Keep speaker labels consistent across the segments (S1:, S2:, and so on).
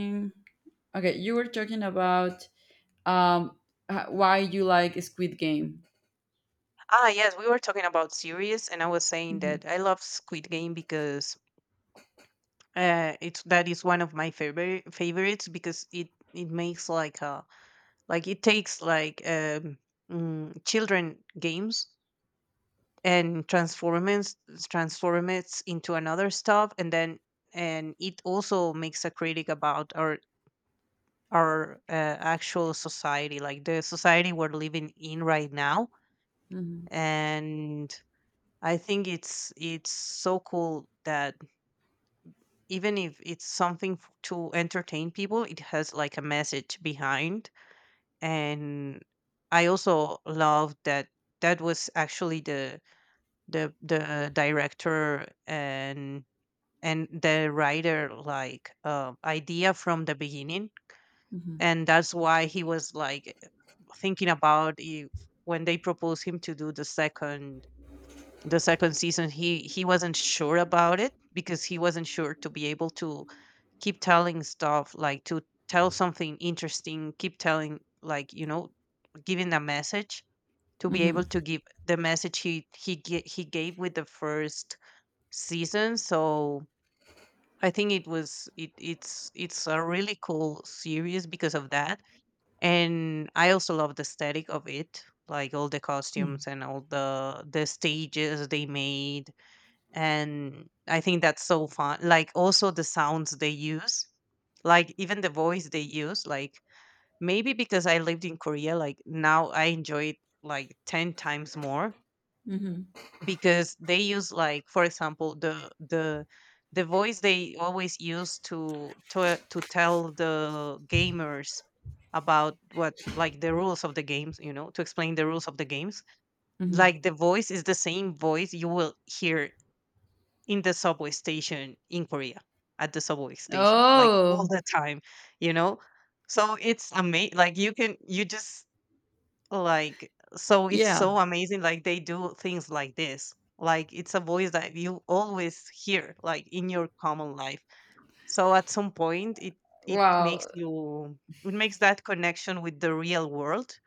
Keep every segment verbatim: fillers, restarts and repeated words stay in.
S1: Mm, okay, you were talking about um, h- why you like Squid Game.
S2: Ah, yes, we were talking about series, and I was saying
S1: Mhm,
S2: that I love Squid Game because uh, it's that is one of my favorite favorites because it it makes like uh like it takes like um mm, children games and transforms transforms it into another stuff, and then and it also makes a critic about our our uh, actual society, like the society we're living in right now,
S1: mhm,
S2: and I think it's it's so cool that even if it's something f- to entertain people, it has like a message behind. And I also love that that was actually the the the director and and the writer like uh, idea from the beginning,
S1: mhm,
S2: and that's why he was like thinking about if when they proposed him to do the second the second season, he he wasn't sure about it because he wasn't sure to be able to keep telling stuff like to tell something interesting, keep telling like you know, giving a message to be able
S1: mhm,
S2: to give the message he he ga- he gave with the first season. So I think it was it it's it's a really cool series because of that, and I also love the aesthetic of it, like all the
S1: hmm.
S2: costumes and all the the stages they made, and I think that's so fun, like also the sounds they use, like even the voice they use, like maybe because I lived in Korea, like now I enjoy it like ten times more
S1: Mhm,
S2: because they use, like for example the the the voice they always use to to to tell the gamers about what, like the rules of the games, you know to explain the rules of the games.
S1: mhm.
S2: Like the voice is the same voice you will hear in the subway station in Korea, at the subway station, like all
S1: Oh,
S2: the time, you know. So it's amazing, like you can you just like so it's
S1: yeah.
S2: so amazing, like they do things like this, like it's a voice that you always hear like in your common life, so at some point it it
S1: Wow.
S2: makes you it makes that connection with the real world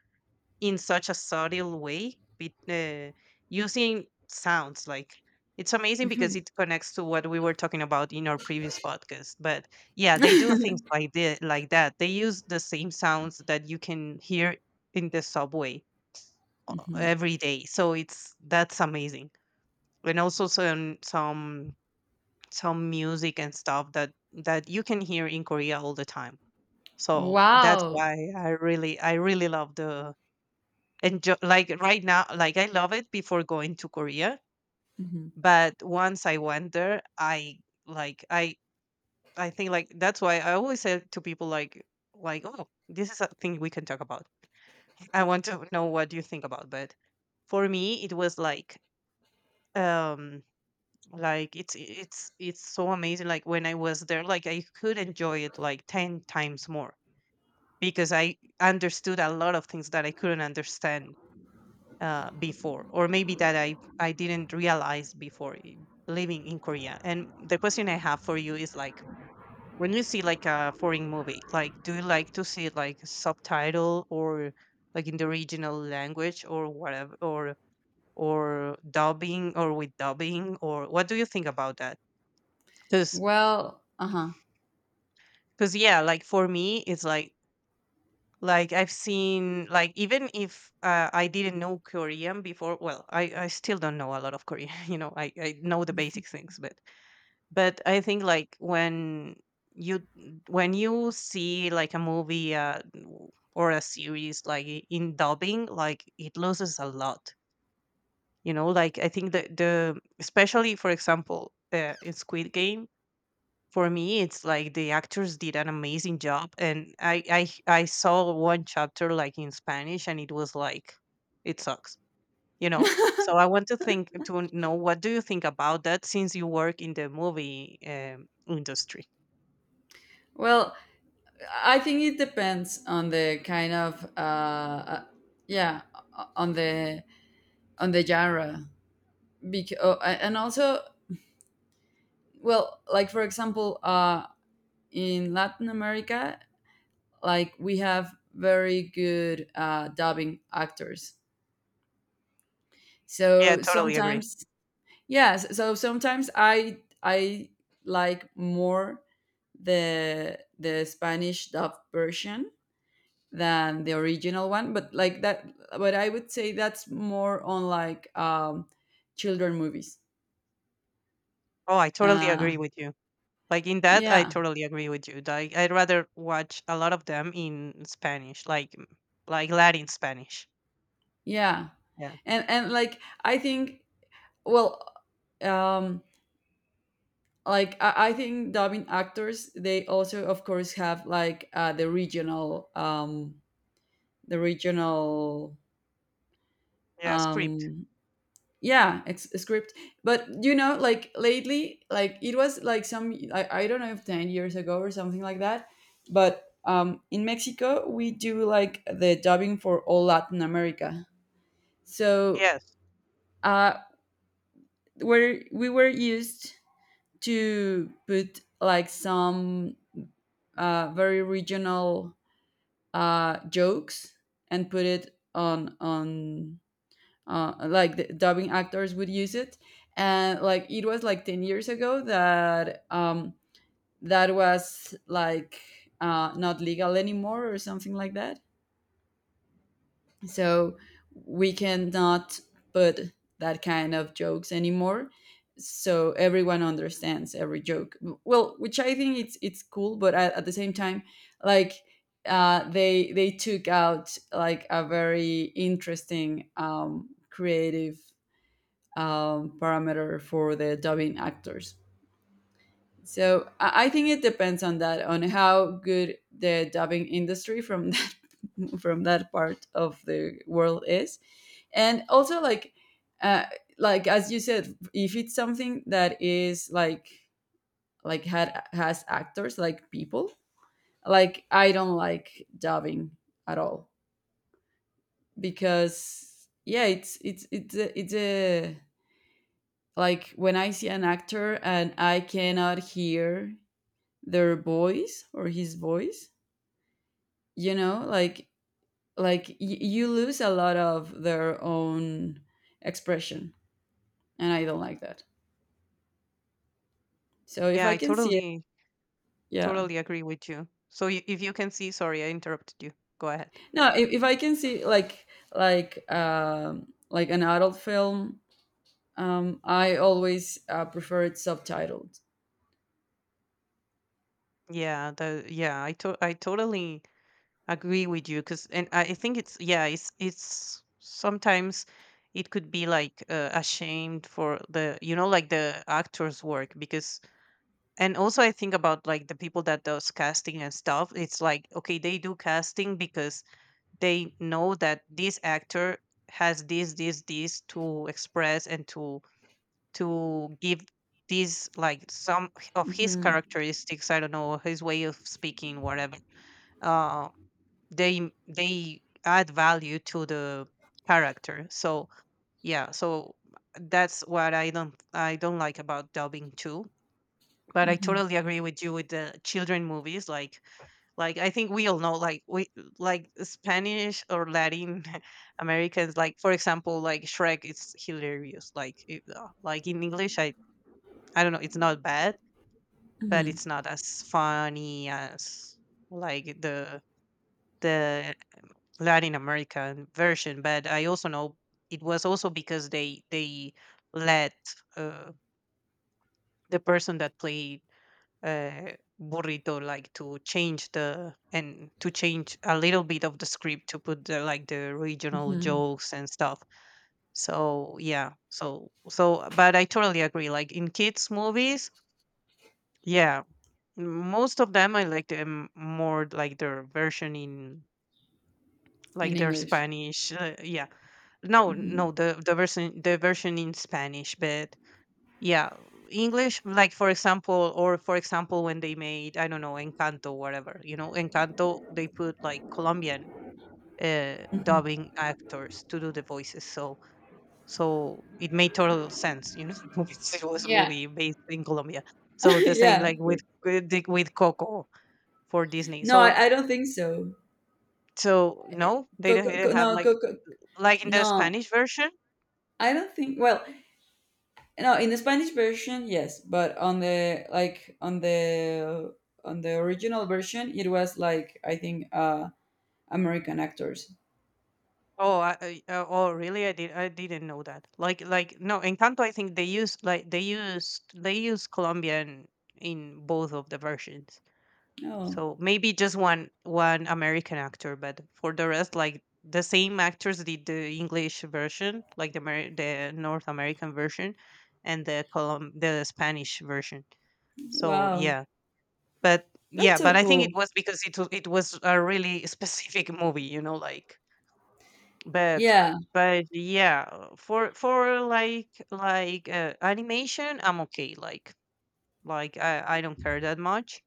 S2: in such a subtle way, be, uh, using sounds. Like it's amazing because
S1: Mhm.
S2: it connects to what we were talking about in our previous podcast. But yeah, they do things like the, like that. They use the same sounds that you can hear in the subway uh,
S1: Mhm.
S2: every day. So it's that's amazing, and also some some some music and stuff that that you can hear in Korea all the time. So that's
S1: Wow.
S2: why I really I really love the enjoy, like right now. Like I love it before going to Korea,
S1: Mhm.
S2: but once I went there, i like i i think, like that's why I always say to people, like like oh, this is a thing we can talk about. I want to know what you think about. But for me it was like um like it's it's it's so amazing, like when I was there, like I could enjoy it like ten times more because I understood a lot of things that I couldn't understand uh, before, or maybe that I I didn't realize before i- living in Korea. And the question I have for you is like, when you see like a foreign movie, like do you like to see like subtitle or like in the original language or whatever, or or dubbing or with dubbing, or what do you think about that? Because
S1: Well, uh-huh.
S2: because yeah, like for me, it's like Like I've seen, like even if uh, I didn't know Korean before. Well, I, I still don't know a lot of Korean. You know, I, I know the basic things, but but I think like when you when you see like a movie uh, w- or a series like i- in dubbing, like it loses a lot. You know, like I think the the especially for example uh, in Squid Game for me it's like the actors did an amazing job, and I I I saw one chapter like in Spanish and it was like it sucks, you know. So I want to think to know what do you think about that since you work in the movie um, industry.
S1: Well, I think it depends on the kind of uh, uh, yeah, o- on the on the genre because and also well, like for example, uh in Latin America, like we have very good uh, dubbing actors.
S2: Yeah,
S1: So
S2: totally agree.
S1: sometimes, yes. So so sometimes I I like more the the Spanish dub version than the original one. But like that, but I would say that's more on like um, children movies.
S2: Oh, I totally
S1: Uh,
S2: agree with you. Like in that I
S1: yeah,
S2: totally agree with you, like I'd rather watch a lot of them in Spanish, like like Latin Spanish.
S1: yeah,
S2: Yeah.
S1: and and like I think well. Um, like I, I think dubbing actors they also of course have like uh, the regional um the regional
S2: Yeah, script.
S1: um yeah ex- script, but you know like lately like it was like some I, I don't know if 10 years ago or something like that, but um in Mexico we do like the dubbing for all Latin America. So
S2: Yes.
S1: uh where we were used to put like some uh very regional uh, jokes, and put it on on uh, like the dubbing actors would use it. And like it was like 10 years ago that um that was like uh not legal anymore or something like that, so we cannot put that kind of jokes anymore, so everyone understands every joke. Well, which I think it's it's cool, but at, at the same time like uh, they they took out like a very interesting um, creative um, parameter for the dubbing actors. So I, I think it depends on that, on how good the dubbing industry from that from that part of the world is. And also like uh, like as you said, if it's something that is like like had has actors like people, like I don't like dubbing at all, because yeah it's it's it's a, it's a like when I see an actor and I cannot hear their voice or his voice, you know, like like y- you lose a lot of their own expression, and I don't like that. So if
S2: Yeah,
S1: I
S2: I
S1: can see,
S2: totally
S1: yeah.
S2: Totally agree with you. So, y- if you can see, sorry, I interrupted you. Go ahead.
S1: No, if, if I can see like like um like an adult film, um I always uh, prefer it subtitled.
S2: Yeah, the, yeah, I to I totally agree with you. Because and I think it's, yeah, it's it's sometimes it could be like uh, ashamed for the you know like the actor's work. Because and also I think about like the people that does casting and stuff. It's like, okay, they do casting because they know that this actor has this this this to express and to to give these, like some of his
S1: Hmm.
S2: characteristics, I don't know, his way of speaking, whatever. uh they they add value to the character. So, yeah, so that's what i don't i don't like about dubbing too. But I
S1: Hmm.
S2: totally agree with you with the children movies, like like I think we all know, like we, like Spanish or Latin Americans, like for example, like Shrek, it's hilarious, like it, uh, like in English, i I don't know, it's not bad, but
S1: Hmm.
S2: it's not as funny as, like the the Latin American version. But I also know it was also because they they let uh, the person that played uh, Burrito, like to change the and to change a little bit of the script to put the, like the regional
S1: Hmm.
S2: jokes and stuff. So yeah, so so but I totally agree. Like in kids movies, yeah, most of them I like them more like their version in
S1: In
S2: like their
S1: English.
S2: Spanish. Uh, yeah, no,
S1: Hmm.
S2: no, the the version the version in Spanish, but yeah, English. Like for example, or for example, when they made, I don't know, Encanto, whatever, you know Encanto, they put like Colombian uh,
S1: Hmm.
S2: dubbing actors to do the voices. So so it made total sense, you know. It's, it was a
S1: Yeah.
S2: movie based in Colombia. So the same
S1: Yeah,
S2: like
S1: of
S2: with
S1: course.
S2: with, with Coco for Disney.
S1: No,
S2: So
S1: I, I don't think so.
S2: So no, they do
S1: Coco,
S2: not they didn't
S1: co- no
S2: have like
S1: Coco,
S2: like in the
S1: no
S2: Spanish version.
S1: I don't think well, no in the Spanish version yes, but on the like on the on the original version it was like I think uh American actors.
S2: Oh, I, I- uh, oh, really? I did. I didn't know that. Like, like no, in Encanto, I think they use like they used they use Colombian in both of the versions.
S1: Oh,
S2: So maybe just one one American actor, but for the rest, like the same actors did the English version, like the Amer- the North American version, and the Colom the Spanish version. So
S1: wow.
S2: yeah, but
S1: That's
S2: yeah, but
S1: so
S2: I think it
S1: cool.
S2: was because it was it was a really specific movie, you know, like, but
S1: Yeah.
S2: but yeah, uh, for for like like uh, animation, I'm okay. Like like I I don't care that much.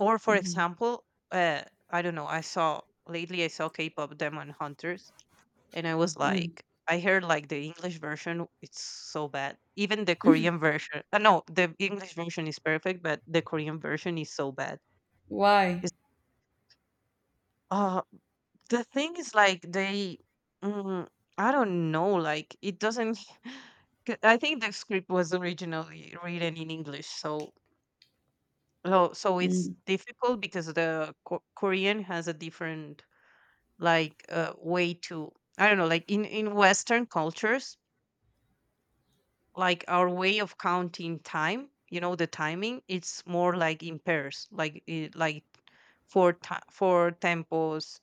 S2: Or for
S1: Mhm.
S2: example, uh, I don't know. I saw Lately I saw K-pop Demon Hunters, and I was
S1: Mm.
S2: like, I heard like the English version, it's so bad. Even the Korean version, uh, no, the English version is perfect, but the Korean version is so bad.
S1: Why?
S2: Uh, the thing is like they, mm, I don't know, like it doesn't 'cause I think the script was originally written in English, so so so it's
S1: Mm.
S2: difficult because the Ko- Korean has a different like uh, way to, I don't know, like in in Western cultures, like our way of counting time, you know, the timing, it's more like in pairs, like it, like four ti four tempos,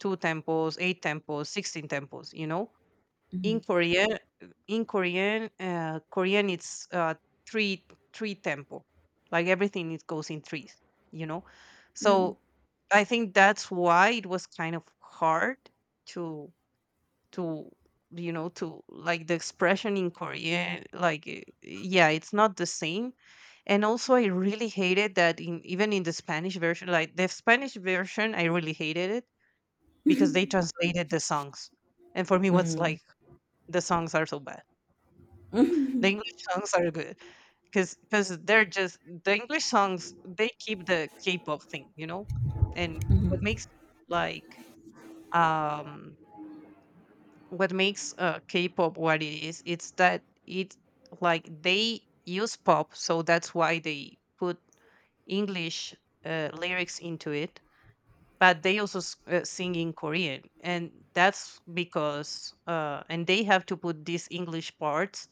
S2: two tempos, eight tempos, sixteen tempos, you know. In
S1: Mhm.
S2: Korean, in Korean, uh, Korean it's uh, three three tempo. Like everything it goes in threes, you know.
S1: Mm.
S2: So I think that's why it was kind of hard to to you know to like the expression in Korean, like eh, yeah, it's not the same. And also I really hated that in even in the Spanish version, like the Spanish version I really hated it because they translated the songs. And for me, what's
S1: Mm.
S2: like, the songs are so bad. The
S1: Mhm.
S2: English songs are good because because they're just the English songs. They keep the K-pop thing, you know. And what
S1: Mhm.
S2: makes like um what makes uh K-pop what it is, it's that it, like they use pop, so that's why they put English uh, lyrics into it, but they also s- uh, sing in Korean, and that's because uh, and they have to put these English parts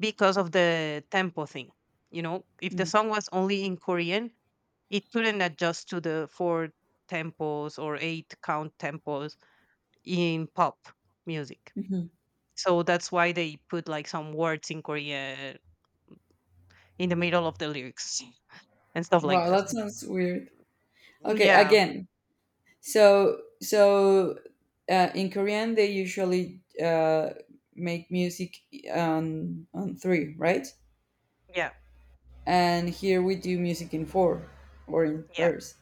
S2: because of the tempo thing. You know, if
S1: Mm.
S2: the
S1: Mhm.
S2: song was only in Korean, it couldn't adjust to the four tempos or eight count tempos in pop music. So that's why they put like some words in Korean in the middle of the lyrics and stuff like
S1: Wow,
S2: that.
S1: that sounds weird. Okay,
S2: Yeah,
S1: again. So, so uh, in Korean, they usually uh, make music on on three, right?
S2: yeah,
S1: And here we do music in four or in
S2: yeah,
S1: pairs.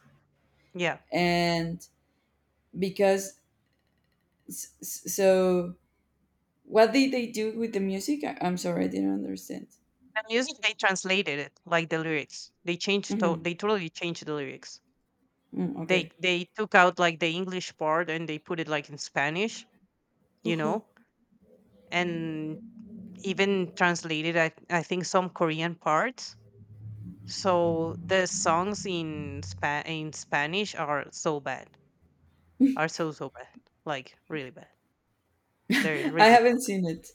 S2: yeah.
S1: And because S- s- so what did they do with the music? I- I'm sorry, I didn't understand.
S2: The music they translated it, like the lyrics. They changed to-
S1: Hmm.
S2: they totally changed the lyrics.
S1: Mm,
S2: They
S1: okay.
S2: they took out like the English part and they put it like in Spanish, you
S1: Uh-huh.
S2: know, and even translated I, I think some Korean parts. So the songs in Spa- in Spanish are so bad. Are so so bad. Like really bad. They're
S1: I
S2: really tough.
S1: haven't seen it.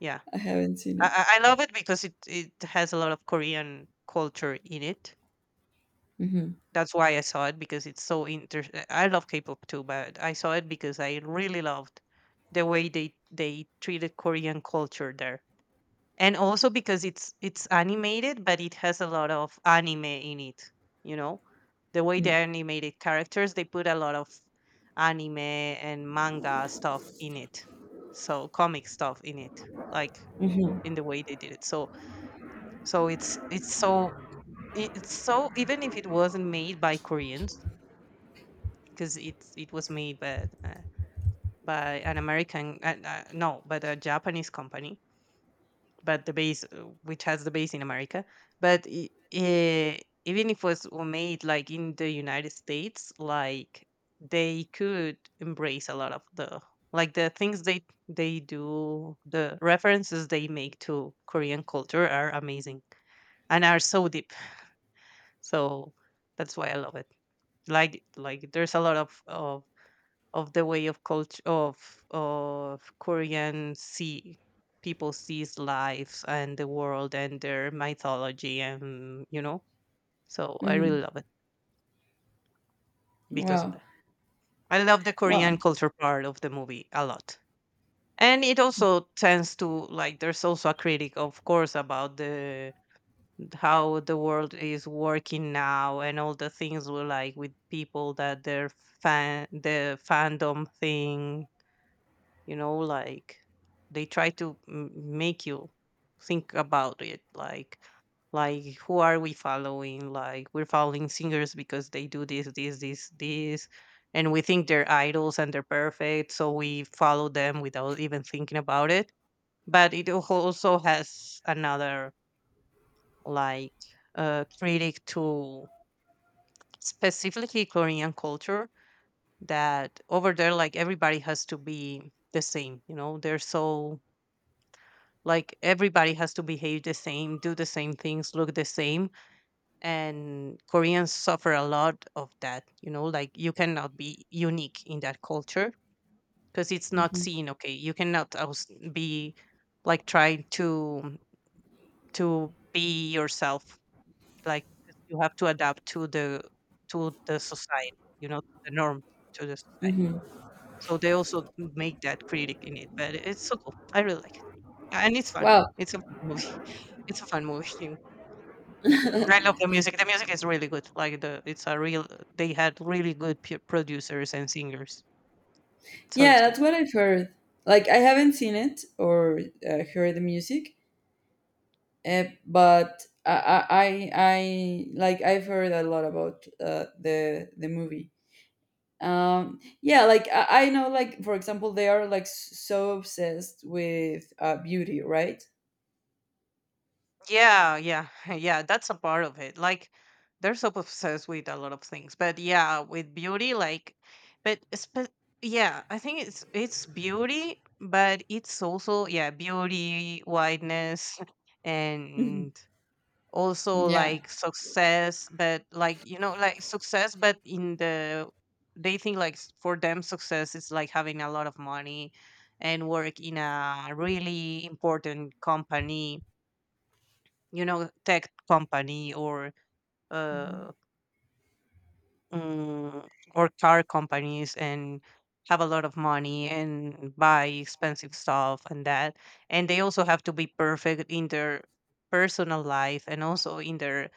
S2: Yeah.
S1: I haven't seen it.
S2: I, I I love it because it, it has a lot of Korean culture in it.
S1: Hmm.
S2: That's why I saw it because it's so inter uh, I love K-pop too, but I saw it because I really loved the way they they treated Korean culture there. And also because it's it's animated, but it has a lot of anime in it, you know? The way they animated characters, they put a lot of anime and manga stuff in it. So comic stuff in it, like
S1: Hmm.
S2: in the way they did it. So so it's it's so i- it's so even if it wasn't made by Koreans, because it it was made by uh, by an American uh, uh, no, but a Japanese company, but the base uh, which has the base in America. But i eh, even if it was made like in the United States, like they could embrace a lot of the like the things they they do, the references they make to Korean culture are amazing and are so deep. So that's why I love it, like like there's a lot of of of the way of culture of of Korean, see, people sees, lives and the world and their mythology and you know. So I really
S1: Hmm.
S2: love it because of
S1: Wow.
S2: that. I love the
S1: Wow.
S2: Korean culture part of the movie a lot. And it also tends to like there's also a critic of course about the how the world is working now and all the things we like with people that their fan the fandom thing, you know, like they try to m- make you think about it, like like who are we following, like we're following singers because they do this this this this and we think they're idols and they're perfect so we follow them without even thinking about it. But it al- also has another like uh, critic to specifically Korean culture, that over there like everybody has to be the same, you know, they're so, like everybody has to behave the same, do the same things, look the same. And Koreans suffer a lot of that, you know, like you cannot be unique in that culture because it's not
S1: Hmm.
S2: seen, okay? You cannot aus- be like trying to to be yourself, like 'cause you have to adapt to the to the society, you know, to the norm, to the society.
S1: Hmm.
S2: So they also make that critic in it, but it's so cool. I really like it. Yeah, and it's fun.
S1: Wow.
S2: It's a fun movie. It's a fun movie too. Yeah. I love the music. The music is really good. Like the it's a real, they had really good p producers and singers. So it's
S1: Yeah,
S2: good.
S1: that's what I've heard. Like, I haven't seen it or uh, heard the music, uh, but I, I i I- like I've heard a lot about uh, the the movie. um yeah, like I, I know, like for example they are like s- so obsessed with uh beauty, right?
S2: Yeah, yeah, yeah, that's a part of it. Like, they're so obsessed with a lot of things, but yeah, with beauty, like, but spe- yeah, I think it's it's beauty, but it's also yeah, beauty, whiteness,
S1: Mhm.
S2: and also
S1: Yeah.
S2: like success, but like you know, like success, but in the, they think like s- for them success is like having a lot of money and work in a really important company, you know, tech company or
S1: Mhm.
S2: uh mm, or car companies, and have a lot of money and buy expensive stuff and that, and they also have to be perfect in their personal life and also in their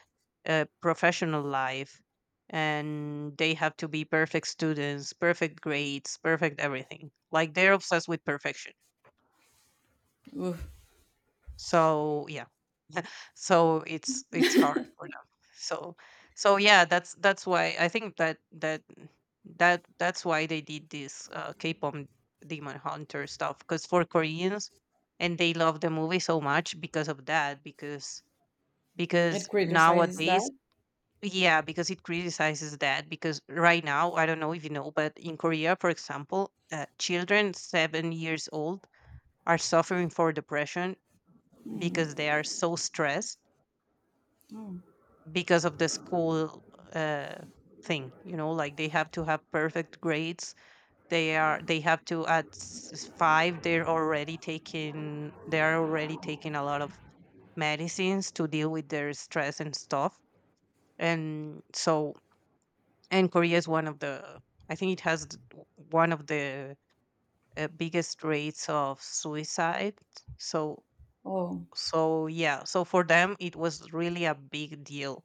S2: uh, professional life, and they have to be perfect students, perfect grades, perfect everything, like they're obsessed with perfection.
S1: Oof.
S2: So yeah. So it's it's hard for them. So so yeah, that's that's why I think that that that that's why they did this uh, K-pop Demon Hunter stuff, because for Koreans, and they love the movie so much because of that, because
S1: It
S2: because
S1: criticizes that.
S2: nowadays, yeah, because it criticizes that, because right now I don't know if you know, but in Korea for example uh, children seven years old are suffering for depression because they are so stressed
S1: Oh.
S2: because of the school uh, thing, you know, like they have to have perfect grades. They are they have to at s- five they're already taking, they're already taking a lot of medicines to deal with their stress and stuff. And so, and Korea is one of the, I think it has th- w- one of the uh, biggest rates of suicide. So
S1: Oh.
S2: so yeah, so for them it was really a big deal,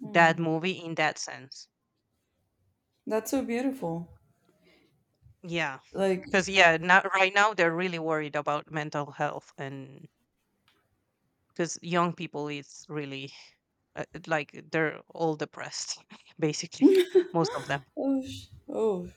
S1: Hmm.
S2: that movie, in that sense.
S1: That's so beautiful.
S2: Yeah,
S1: Like,
S2: because yeah, not right now they're really worried about mental health. And because young people is really uh, like they're all depressed basically, most of them,
S1: oh sh- oh,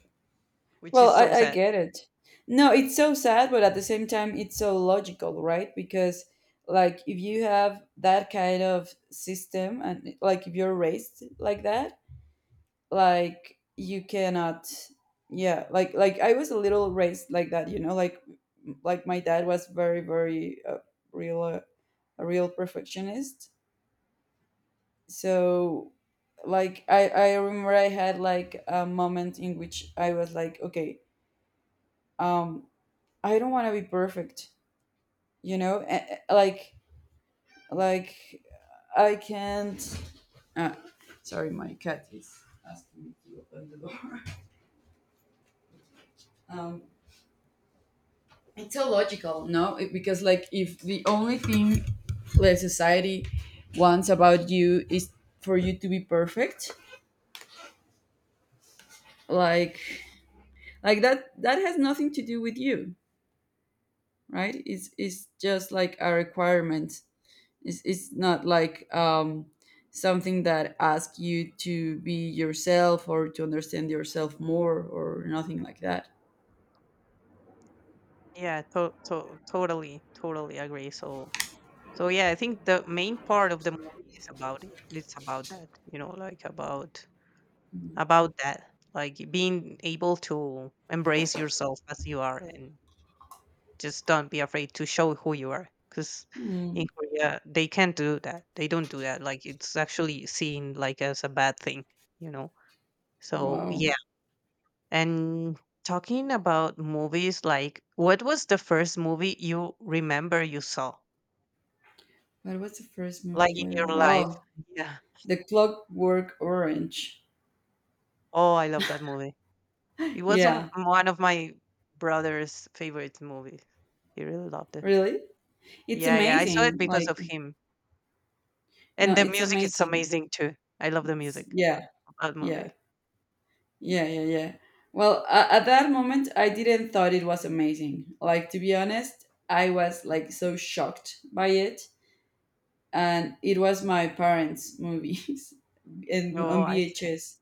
S2: which
S1: well
S2: is
S1: I,
S2: so
S1: I
S2: sad.
S1: get it. No, it's so sad, but at the same time it's so logical, right? Because like if you have that kind of system, and like if you're raised like that, like you cannot yeah, like like I was a little raised like that, you know, like like my dad was very very uh, real uh, a real perfectionist. So like i i remember I had like a moment in which I was like, okay, um I don't want to be perfect, you know? A- a- like like I can't uh, sorry, my cat is asking me to open the door. um it's so logical, no? It- because like if the only thing that society wants about you is for you to be perfect, like like that that has nothing to do with you, right? it's it's just like a requirement. It's, it's not like um something that asks you to be yourself or to understand yourself more or nothing like that.
S2: Yeah, to- to- totally, totally agree. So so yeah, I think the main part of the movie is about it. It's about that, you know, like about
S1: Mm-hmm.
S2: about that, like being able to embrace yourself as you are. And just don't be afraid to show who you are, because
S1: Mm.
S2: in
S1: Hmm.
S2: Korea they can't do that. They don't do that. Like it's actually seen like as a bad thing, you know. So
S1: Wow.
S2: yeah. And talking about movies, like what was the first movie you remember you saw,
S1: But what's the first
S2: like
S1: movie
S2: in
S1: I
S2: your
S1: remember?
S2: life?
S1: Oh,
S2: Yeah.
S1: The Clockwork Orange.
S2: Oh, I love that movie. It was not
S1: Yeah,
S2: one of my brother's favorite movies. He really loved it.
S1: really? It's
S2: Yeah, yeah. I saw it
S1: amazing.
S2: because
S1: Like,
S2: of him.
S1: no,
S2: And the
S1: it's
S2: music is
S1: amazing.
S2: amazing too. I love the
S1: It's—
S2: music.
S1: yeah,
S2: That
S1: yeah,
S2: movie.
S1: yeah, yeah, yeah. Well, uh, at that moment, I didn't thought it was amazing. Like, to be honest, I was like so shocked by it, and it was my parents' movies and
S2: Oh,
S1: on
S2: I see.
S1: V H S.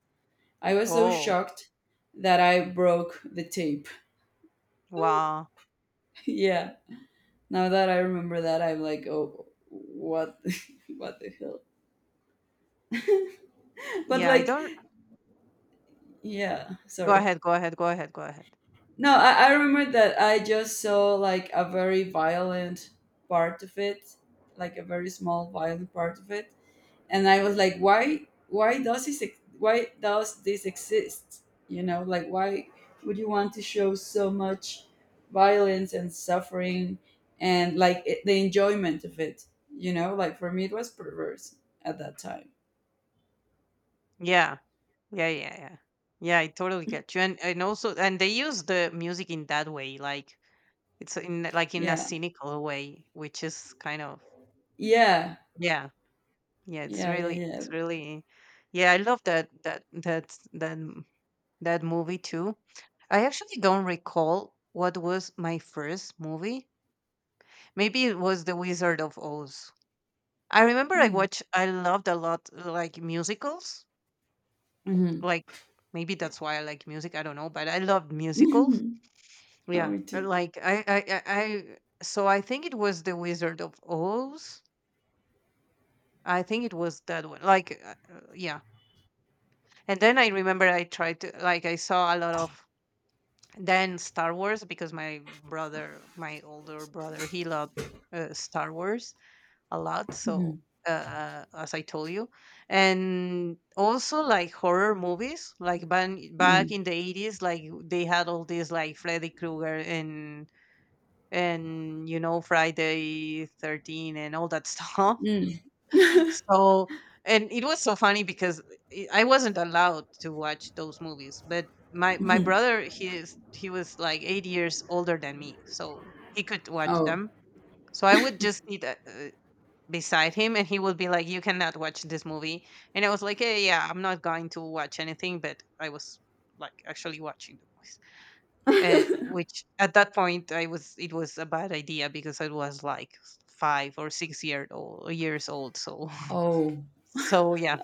S1: I was so
S2: Oh,
S1: shocked that I broke the tape.
S2: wow.
S1: Yeah. Now that I remember that, I'm like, oh, what, what the hell? But
S2: Yeah, I
S1: like,
S2: don't,
S1: yeah.
S2: go
S1: Sorry.
S2: ahead, go ahead, go ahead, go ahead.
S1: No, I, I remember that I just saw like a very violent part of it, like a very small violent part of it, and I was like, why, why does this, ex- why does this exist? You know, like why would you want to show so much violence and suffering and like it, the enjoyment of it? You know, like for me, it was perverse at that time.
S2: Yeah. Yeah, yeah, yeah. Yeah, I totally get you. And and also, and they use the music in that way, like it's in like in a
S1: Yeah,
S2: cynical way, which is kind of
S1: yeah,
S2: yeah. Yeah, it's
S1: yeah, yeah,
S2: really
S1: yeah.
S2: it's really yeah, I love that that that that m- that movie too. I actually don't recall what was my first movie. Maybe it was The Wizard of Oz. I remember I
S1: Hmm.
S2: watched, I loved a lot like musicals. Like maybe that's why I like music, I don't know, but I loved musicals.
S1: Mm-hmm. Oh,
S2: Yeah.
S1: me
S2: uh,
S1: too.
S2: Like I I I, I so I think it was The Wizard of Oz. I think it was that one. Like uh, uh, yeah. And then I remember I tried to like I saw a lot of then Star Wars because my brother, my older brother, he loved uh, Star Wars a lot. So,
S1: Mhm.
S2: uh, as I told you, and also like horror movies, like back back
S1: Mm.
S2: in the eighties, like they had all these like Freddy Krueger and and you know Friday the thirteenth and all that stuff.
S1: Mm.
S2: So. And it was so funny because I I wasn't allowed to watch those movies, but my my
S1: Mhm.
S2: brother, he is he was like eight years older than me, so he could watch
S1: Oh.
S2: them. So I would just see that beside him, and he would be like you cannot watch this movie. And I was like eh, yeah, I'm not going to watch anything, but I was like actually watching the movies, uh, which at that point I was it was a bad idea because I was like five or six year old years old, so
S1: Oh.
S2: so yeah,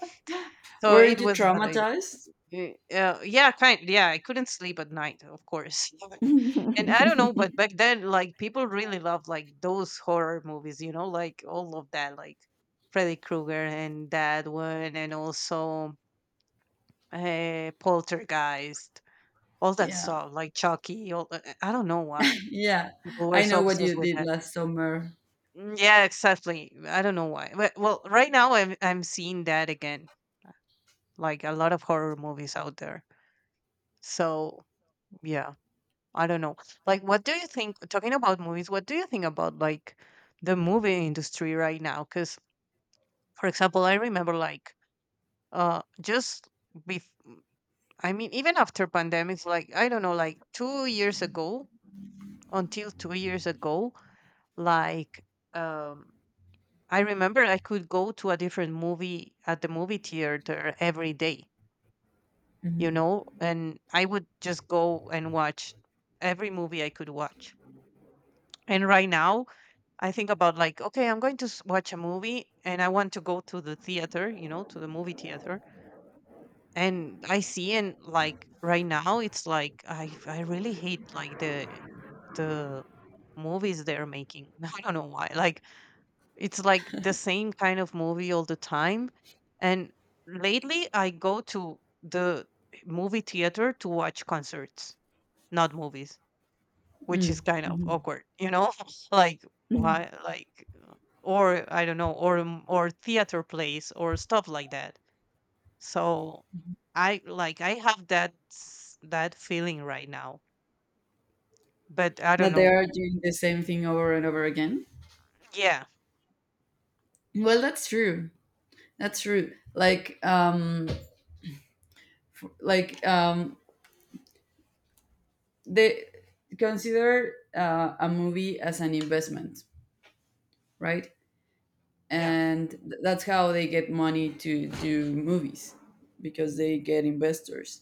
S2: so
S1: Weren't
S2: it
S1: you
S2: was but,
S1: traumatized?
S2: Y- Uh, yeah, kind. Yeah, I couldn't sleep at night, of course. And I don't know, but back then, like people really loved like those horror movies, you know, like all of that, like Freddy Krueger and that one, and also uh, Poltergeist, all that
S1: Yeah.
S2: stuff, like Chucky. All uh, uh, I don't know why
S1: Yeah.
S2: people were
S1: I
S2: so
S1: know what
S2: obsessed
S1: you
S2: with
S1: did
S2: that.
S1: last summer.
S2: Mm, yeah, exactly. I don't know why. But, well, right now I'm I'm seeing that again, like a lot of horror movies out there. So yeah. I don't know. Like, what do you think? Talking about movies, what do you think about like the movie industry right now? Because, for example, I remember like uh just bef- I mean, even after pandemics, like I don't know, like two years ago, until two years ago, like um I remember I could go to a different movie at the movie theater every day, you
S1: Mhm.
S2: know, and I would just go and watch every movie I could watch. And right now, I think about like, okay, I'm going to s- watch a movie and I want to go to the theater, you know, to the movie theater. And I see, and like right now it's like I I really hate like the the movies they're making. I don't know why. Like it's like the same kind of movie all the time. And lately I go to the movie theater to watch concerts, not movies, which is
S1: Mm.
S2: kind of
S1: Mhm.
S2: awkward, you know? like
S1: Mhm.
S2: why like uh, or I don't know, or m- or theater plays or stuff like that. So I like I have that s- that feeling right now. But I don't
S1: That they
S2: know.
S1: are doing the same thing over and over again.
S2: Yeah.
S1: Well, that's true. That's true. Like, um, like, um, they consider uh, a movie as an investment, right?
S2: Yeah.
S1: And th- that's how they get money to do movies, because they get investors.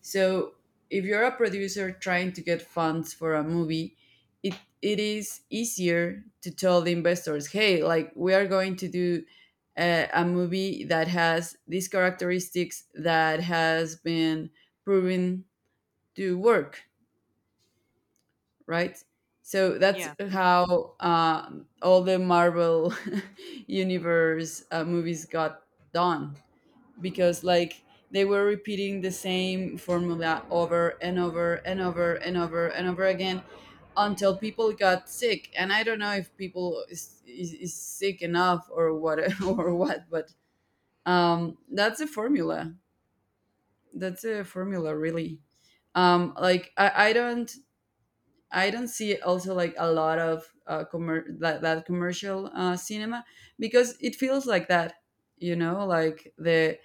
S1: So if you're a producer trying to get funds for a movie, it it is easier to tell the investors, hey, like we are going to do a, a movie that has these characteristics, that has been proven to work, right? So that's
S2: Yeah.
S1: how uh, all the Marvel universe uh, movies got done, because like they were repeating the same formula over and over and over and over and over again until people got sick, and I don't know if people is, is, is sick enough or what or what. But um that's a formula, that's a formula, really. um like i, I don't I don't see also like a lot of uh commer- that, that commercial uh cinema, because it feels like that, you know, like the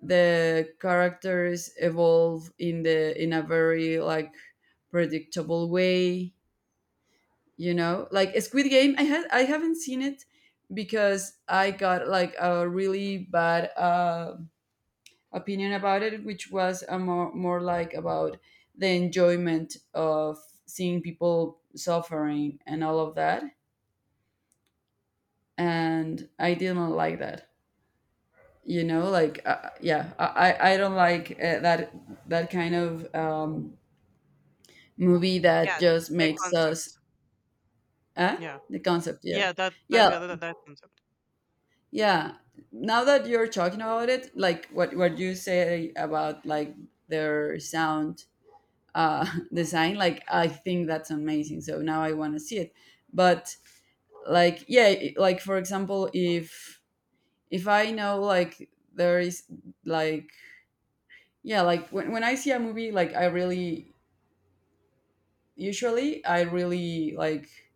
S1: the characters evolve in the in a very like predictable way. You know, like Squid Game, i had I haven't seen it because I got like a really bad uh, opinion about it, which was a more, more like about the enjoyment of seeing people suffering and all of that. And I didn't like that, you know? Like uh, yeah, I, I I don't like uh, that that kind of um, movie
S2: Yeah,
S1: that just
S2: the
S1: makes us
S2: concept.
S1: eh?
S2: Yeah.
S1: The concept, yeah.
S2: Yeah, that that
S1: Yeah,
S2: that, that that concept.
S1: yeah. Now that you're talking about it, like what what you say about like their sound uh design, like I think that's amazing, so now I want to see it. But like yeah i- like for example if if I know like there is like yeah, like when, when I see a movie, like I really usually I really like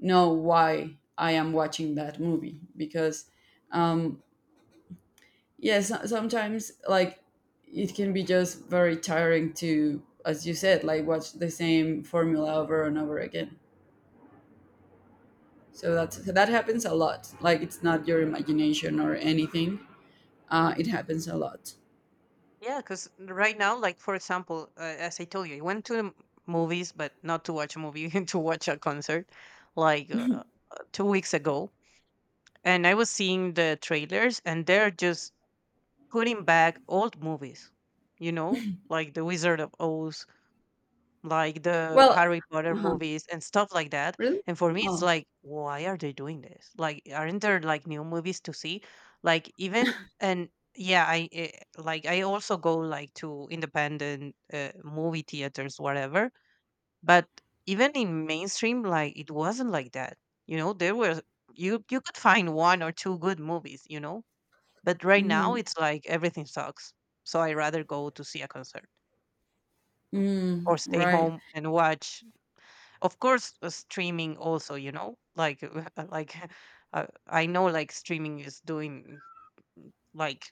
S1: know why I am watching that movie, because um yeah, so- sometimes like it can be just very tiring to, as you said, like watch the same formula over and over again. So that's, that happens a lot, like it's not your imagination or anything. uh it happens a lot.
S2: Yeah, cuz right now, like for example, uh, as I told you, I went to the m- movies, but not to watch a movie, to watch a concert, like uh, uh, two weeks ago, and I was seeing the trailers, and they're just putting back old movies, you know, like The Wizard of Oz, like the
S1: Well,
S2: Harry Potter
S1: uh-huh.
S2: movies, and stuff like that.
S1: Really?
S2: And for me, it's
S1: Oh.
S2: like, why are they doing this? Like, aren't there like new movies to see? Like, even and yeah, I eh, like I also go like to independent uh, movie theaters, whatever. But even in mainstream, like it wasn't like that. You know, there were you you could find one or two good movies, you know. But right now
S1: Mm-hmm.
S2: it's like everything sucks. So I rather go to see a concert
S1: Mm,
S2: or stay
S1: right.
S2: home and watch. Of course, uh, streaming also, you know, like like uh, I know like streaming is doing like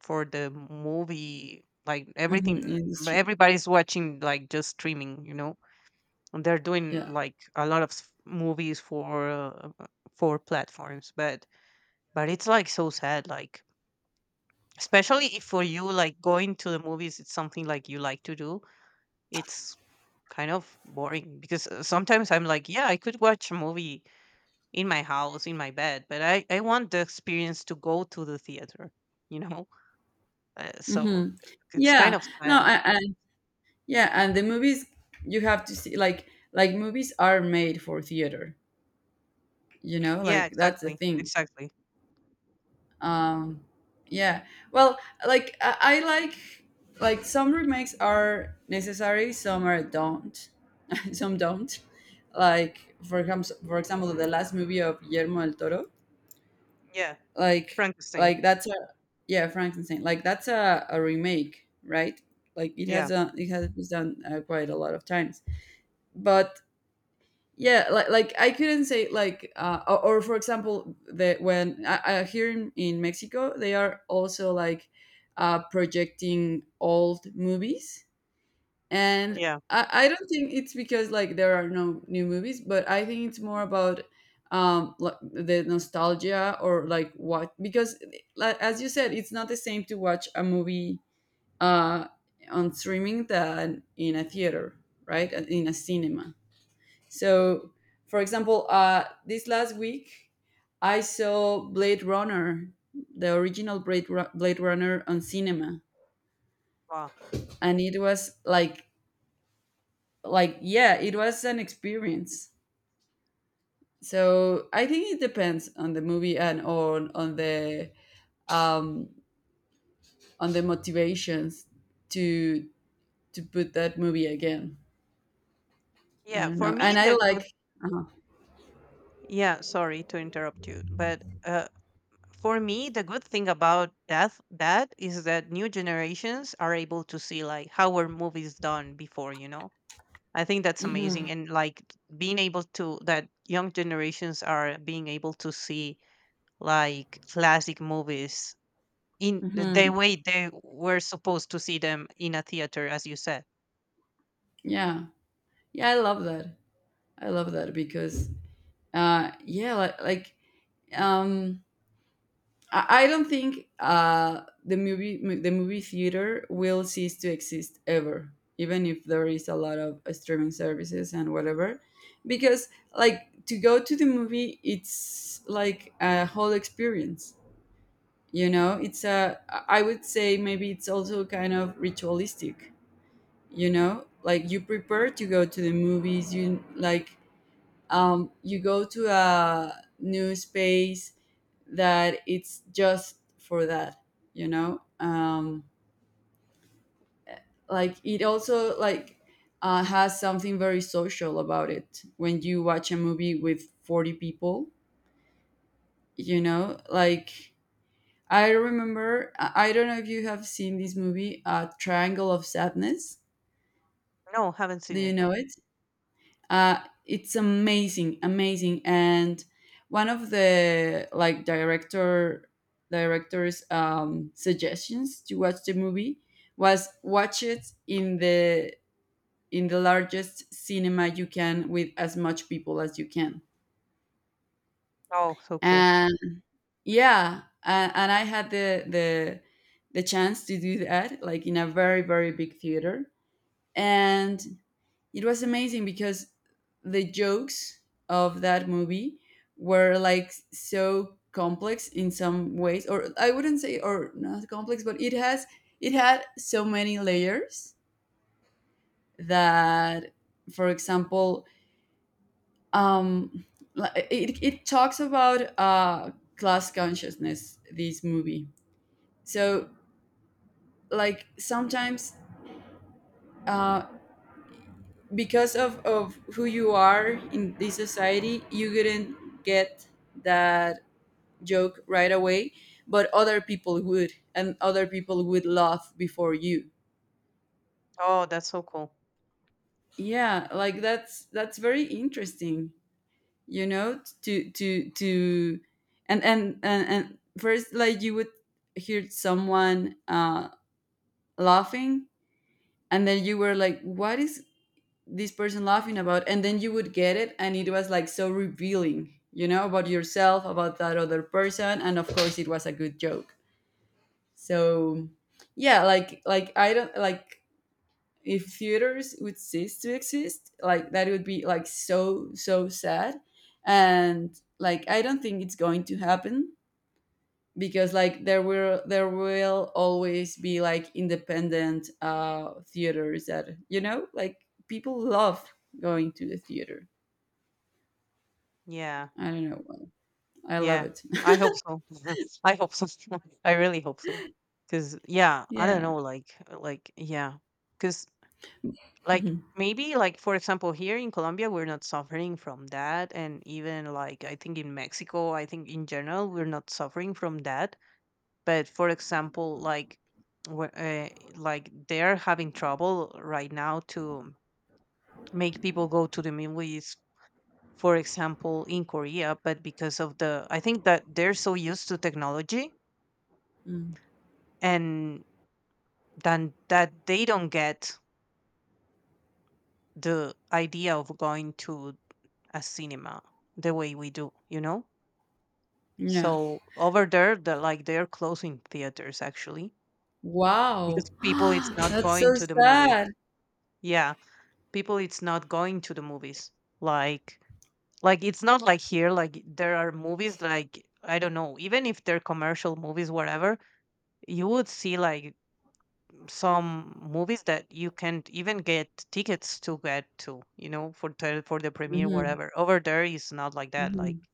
S2: for the movie like everything,
S1: Mm-hmm.
S2: everybody's watching like just streaming, you know, and they're doing
S1: Yeah.
S2: like a lot of s- movies for uh, uh, for platforms, but but it's like so sad, like especially if for you like going to the movies it's something like you like to do. It's kind of boring because uh, sometimes I'm like yeah, I could watch a movie in my house, in my bed, but i i want the experience to go to the theater, you know, uh, so
S1: Mm-hmm.
S2: it's kind
S1: Yeah,
S2: of
S1: no,
S2: sad.
S1: I, I yeah, and the movies you have to see like like movies are made for theater, you know,
S2: Yeah,
S1: like that's the
S2: exactly,
S1: thing.
S2: exactly.
S1: Um yeah. Well, like I, I like like some remakes are necessary, some are don't. Some don't. Like for example, for example, the last movie of Guillermo del Toro,
S2: Yeah,
S1: like
S2: Frankenstein.
S1: like that's a yeah, Frankenstein. Like that's a, a remake, right? Like it
S2: Yeah.
S1: has a, it has been done uh, quite a lot of times but yeah like like i couldn't say like uh, or, or for example the when I, I here in, in mexico they are also like uh, projecting old movies and
S2: Yeah.
S1: I, I don't think it's because like there are no new movies but I think it's more about um like, the nostalgia or like what because like, as you said it's not the same to watch a movie uh on streaming than in a theater, right, in a cinema. So, for example, uh, this last week I saw Blade Runner, the original Blade Ru- Blade Runner on cinema,
S2: Wow.
S1: and it was like like yeah, it was an experience. So I think it depends on the movie and on on the um, on the motivations to to put that movie again. I
S2: Yeah,
S1: don't
S2: for
S1: know,
S2: me
S1: and I
S2: the
S1: like. Uh-huh.
S2: Yeah, sorry to interrupt you, but uh, for me, the good thing about death that is that new generations are able to see like how were movies done before. You know, I think that's amazing,
S1: Hmm.
S2: and like being able to that young generations are being able to see like classic movies in the
S1: Hmm.
S2: way they were supposed to see them, in a theater, as you said.
S1: Yeah, yeah, I love that. I love that because uh yeah like, like um I, I don't think uh the movie mo- the movie theater will cease to exist ever, even if there is a lot of uh, streaming services and whatever, because like to go to the movie it's like a whole experience, you know, it's a, I would say maybe it's also kind of ritualistic, you know, like you prepare to go to the movies, you like, um you go to a new space that it's just for that, you know um like it also like uh, has something very social about it when you watch a movie with forty people, you know, like i remember i I don't know if you have seen this movie, uh, Triangle of Sadness.
S2: No, haven't seen
S1: Do you
S2: it.
S1: know it? uh, it's amazing, amazing, and one of the like director directors' um, suggestions to watch the movie was watch it in the in the largest cinema you can with as much people as you can.
S2: Oh, so cool.
S1: And yeah, uh, and I had the the the chance to do that like in a very very big theater, and it was amazing because the jokes of that movie were like so complex in some ways, or I wouldn't say or not complex, but it has, it had so many layers, that, for example, um li- it, it talks about uh class consciousness, this movie. So
S2: Mm.
S1: like sometimes, uh because of of who you are in this society you wouldn't get that joke right away, but other people would, and other people would laugh before you.
S2: Oh, that's so cool.
S1: Yeah, like that's that's very interesting, you know, to to to and and and, and first like you would hear someone uh laughing, and then you were like, what is this person laughing about? And then you would get it, and it was like so revealing, you know, about yourself, about that other person, and of course it was a good joke. So yeah, like like I don't like, if theaters would cease to exist, like that would be like so so sad. And like I don't think it's going to happen, because like there will there will always be like independent uh theaters that, you know, like people love going to the theater.
S2: Yeah.
S1: I don't know why. I love
S2: Yeah,
S1: it.
S2: I hope so. I hope so. I really hope so, because yeah, I don't
S1: Yeah.
S2: know, like uh, like yeah, because like
S1: Mhm.
S2: maybe like for example, here in Colombia, we're not suffering from that, and even like I think in Mexico, I think in general, we're not suffering from that. But for example, like wh- uh, like they're having trouble right now to make people go to the movies, for example, in Korea, but because of the, I think that they're so used to technology,
S1: Mm.
S2: and then that they don't get the idea of going to a cinema the way we do, you know?
S1: Yeah.
S2: So over there, the, like they're closing theaters actually because
S1: Wow.
S2: people it's not
S1: That's so
S2: going to the movies.
S1: sad.
S2: Yeah, people it's not going to the movies. Like, like it's not like here. Like there are movies like I don't know, even if they're commercial movies, whatever, you would see like some movies that you can't even get tickets to get to, you know, for the for the premiere,
S1: Mhm.
S2: whatever, over there is not like that. Like
S1: Mhm.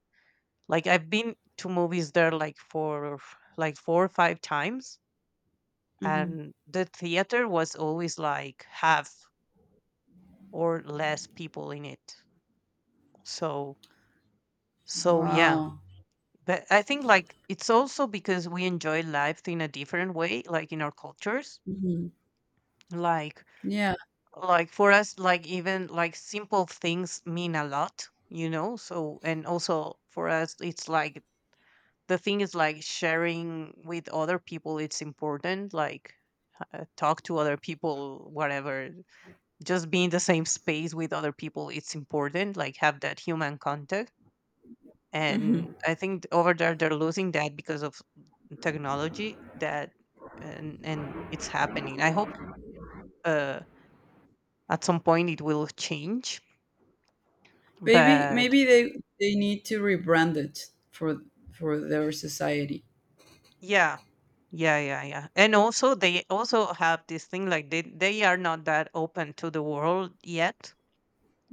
S2: like i've been to movies there like for like four or five times,
S1: Mhm.
S2: and the theater was always like half or less people in it. So so yeah.
S1: Wow.
S2: But I think like it's also because we enjoy life in a different way, like in our cultures.
S1: Mhm.
S2: like
S1: Yeah.
S2: like for us, like even like simple things mean a lot, you know. So and also for us it's like the thing is like sharing with other people, it's important, like uh, talk to other people, whatever, just be in the same space with other people, it's important, like have that human contact.
S1: Mhm.
S2: And I think over there they're losing that because of technology, that and and it's happening. I hope uh at some point it will change,
S1: Maybe,
S2: but
S1: maybe they they need to rebrand it for for their society.
S2: Yeah. Yeah, yeah, yeah. And also they also have this thing like they they are not that open to the world yet,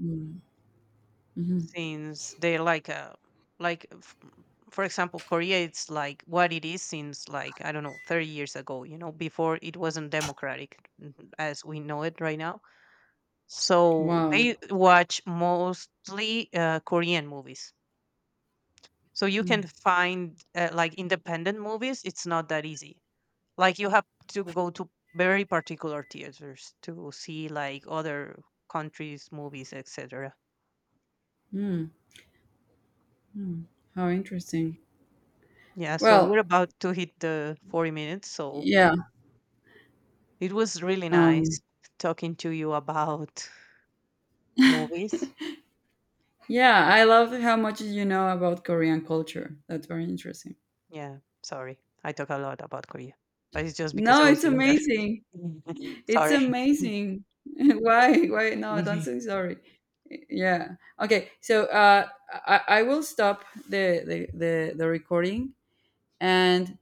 S1: Mm. Mhm.
S2: since they're like a like f- for example, Korea, it's like what it is since like I don't know, thirty years ago, you know, before it wasn't democratic, mm, as we know it right now. So
S1: Wow.
S2: they watch mostly uh, Korean movies. So you can
S1: Mm.
S2: find uh, like independent movies, it's not that easy. Like you have to go to very particular theaters to see like other countries' movies, et cetera.
S1: Mm. Mm. How interesting.
S2: Yeah, so we're
S1: Well,
S2: about to hit the forty minutes. So
S1: yeah.
S2: it was really nice
S1: Um
S2: talking to you about movies.
S1: yeah, I love how much you know about Korean culture. That's very interesting.
S2: Yeah, sorry. I talk a lot about Korea, but it's just because I
S1: No,
S2: was
S1: it's
S2: living there.
S1: amazing. It's
S2: Sorry.
S1: amazing. Why? Why? No, don't say sorry. Yeah. Okay. So uh, I, I will stop the, the, the, the recording and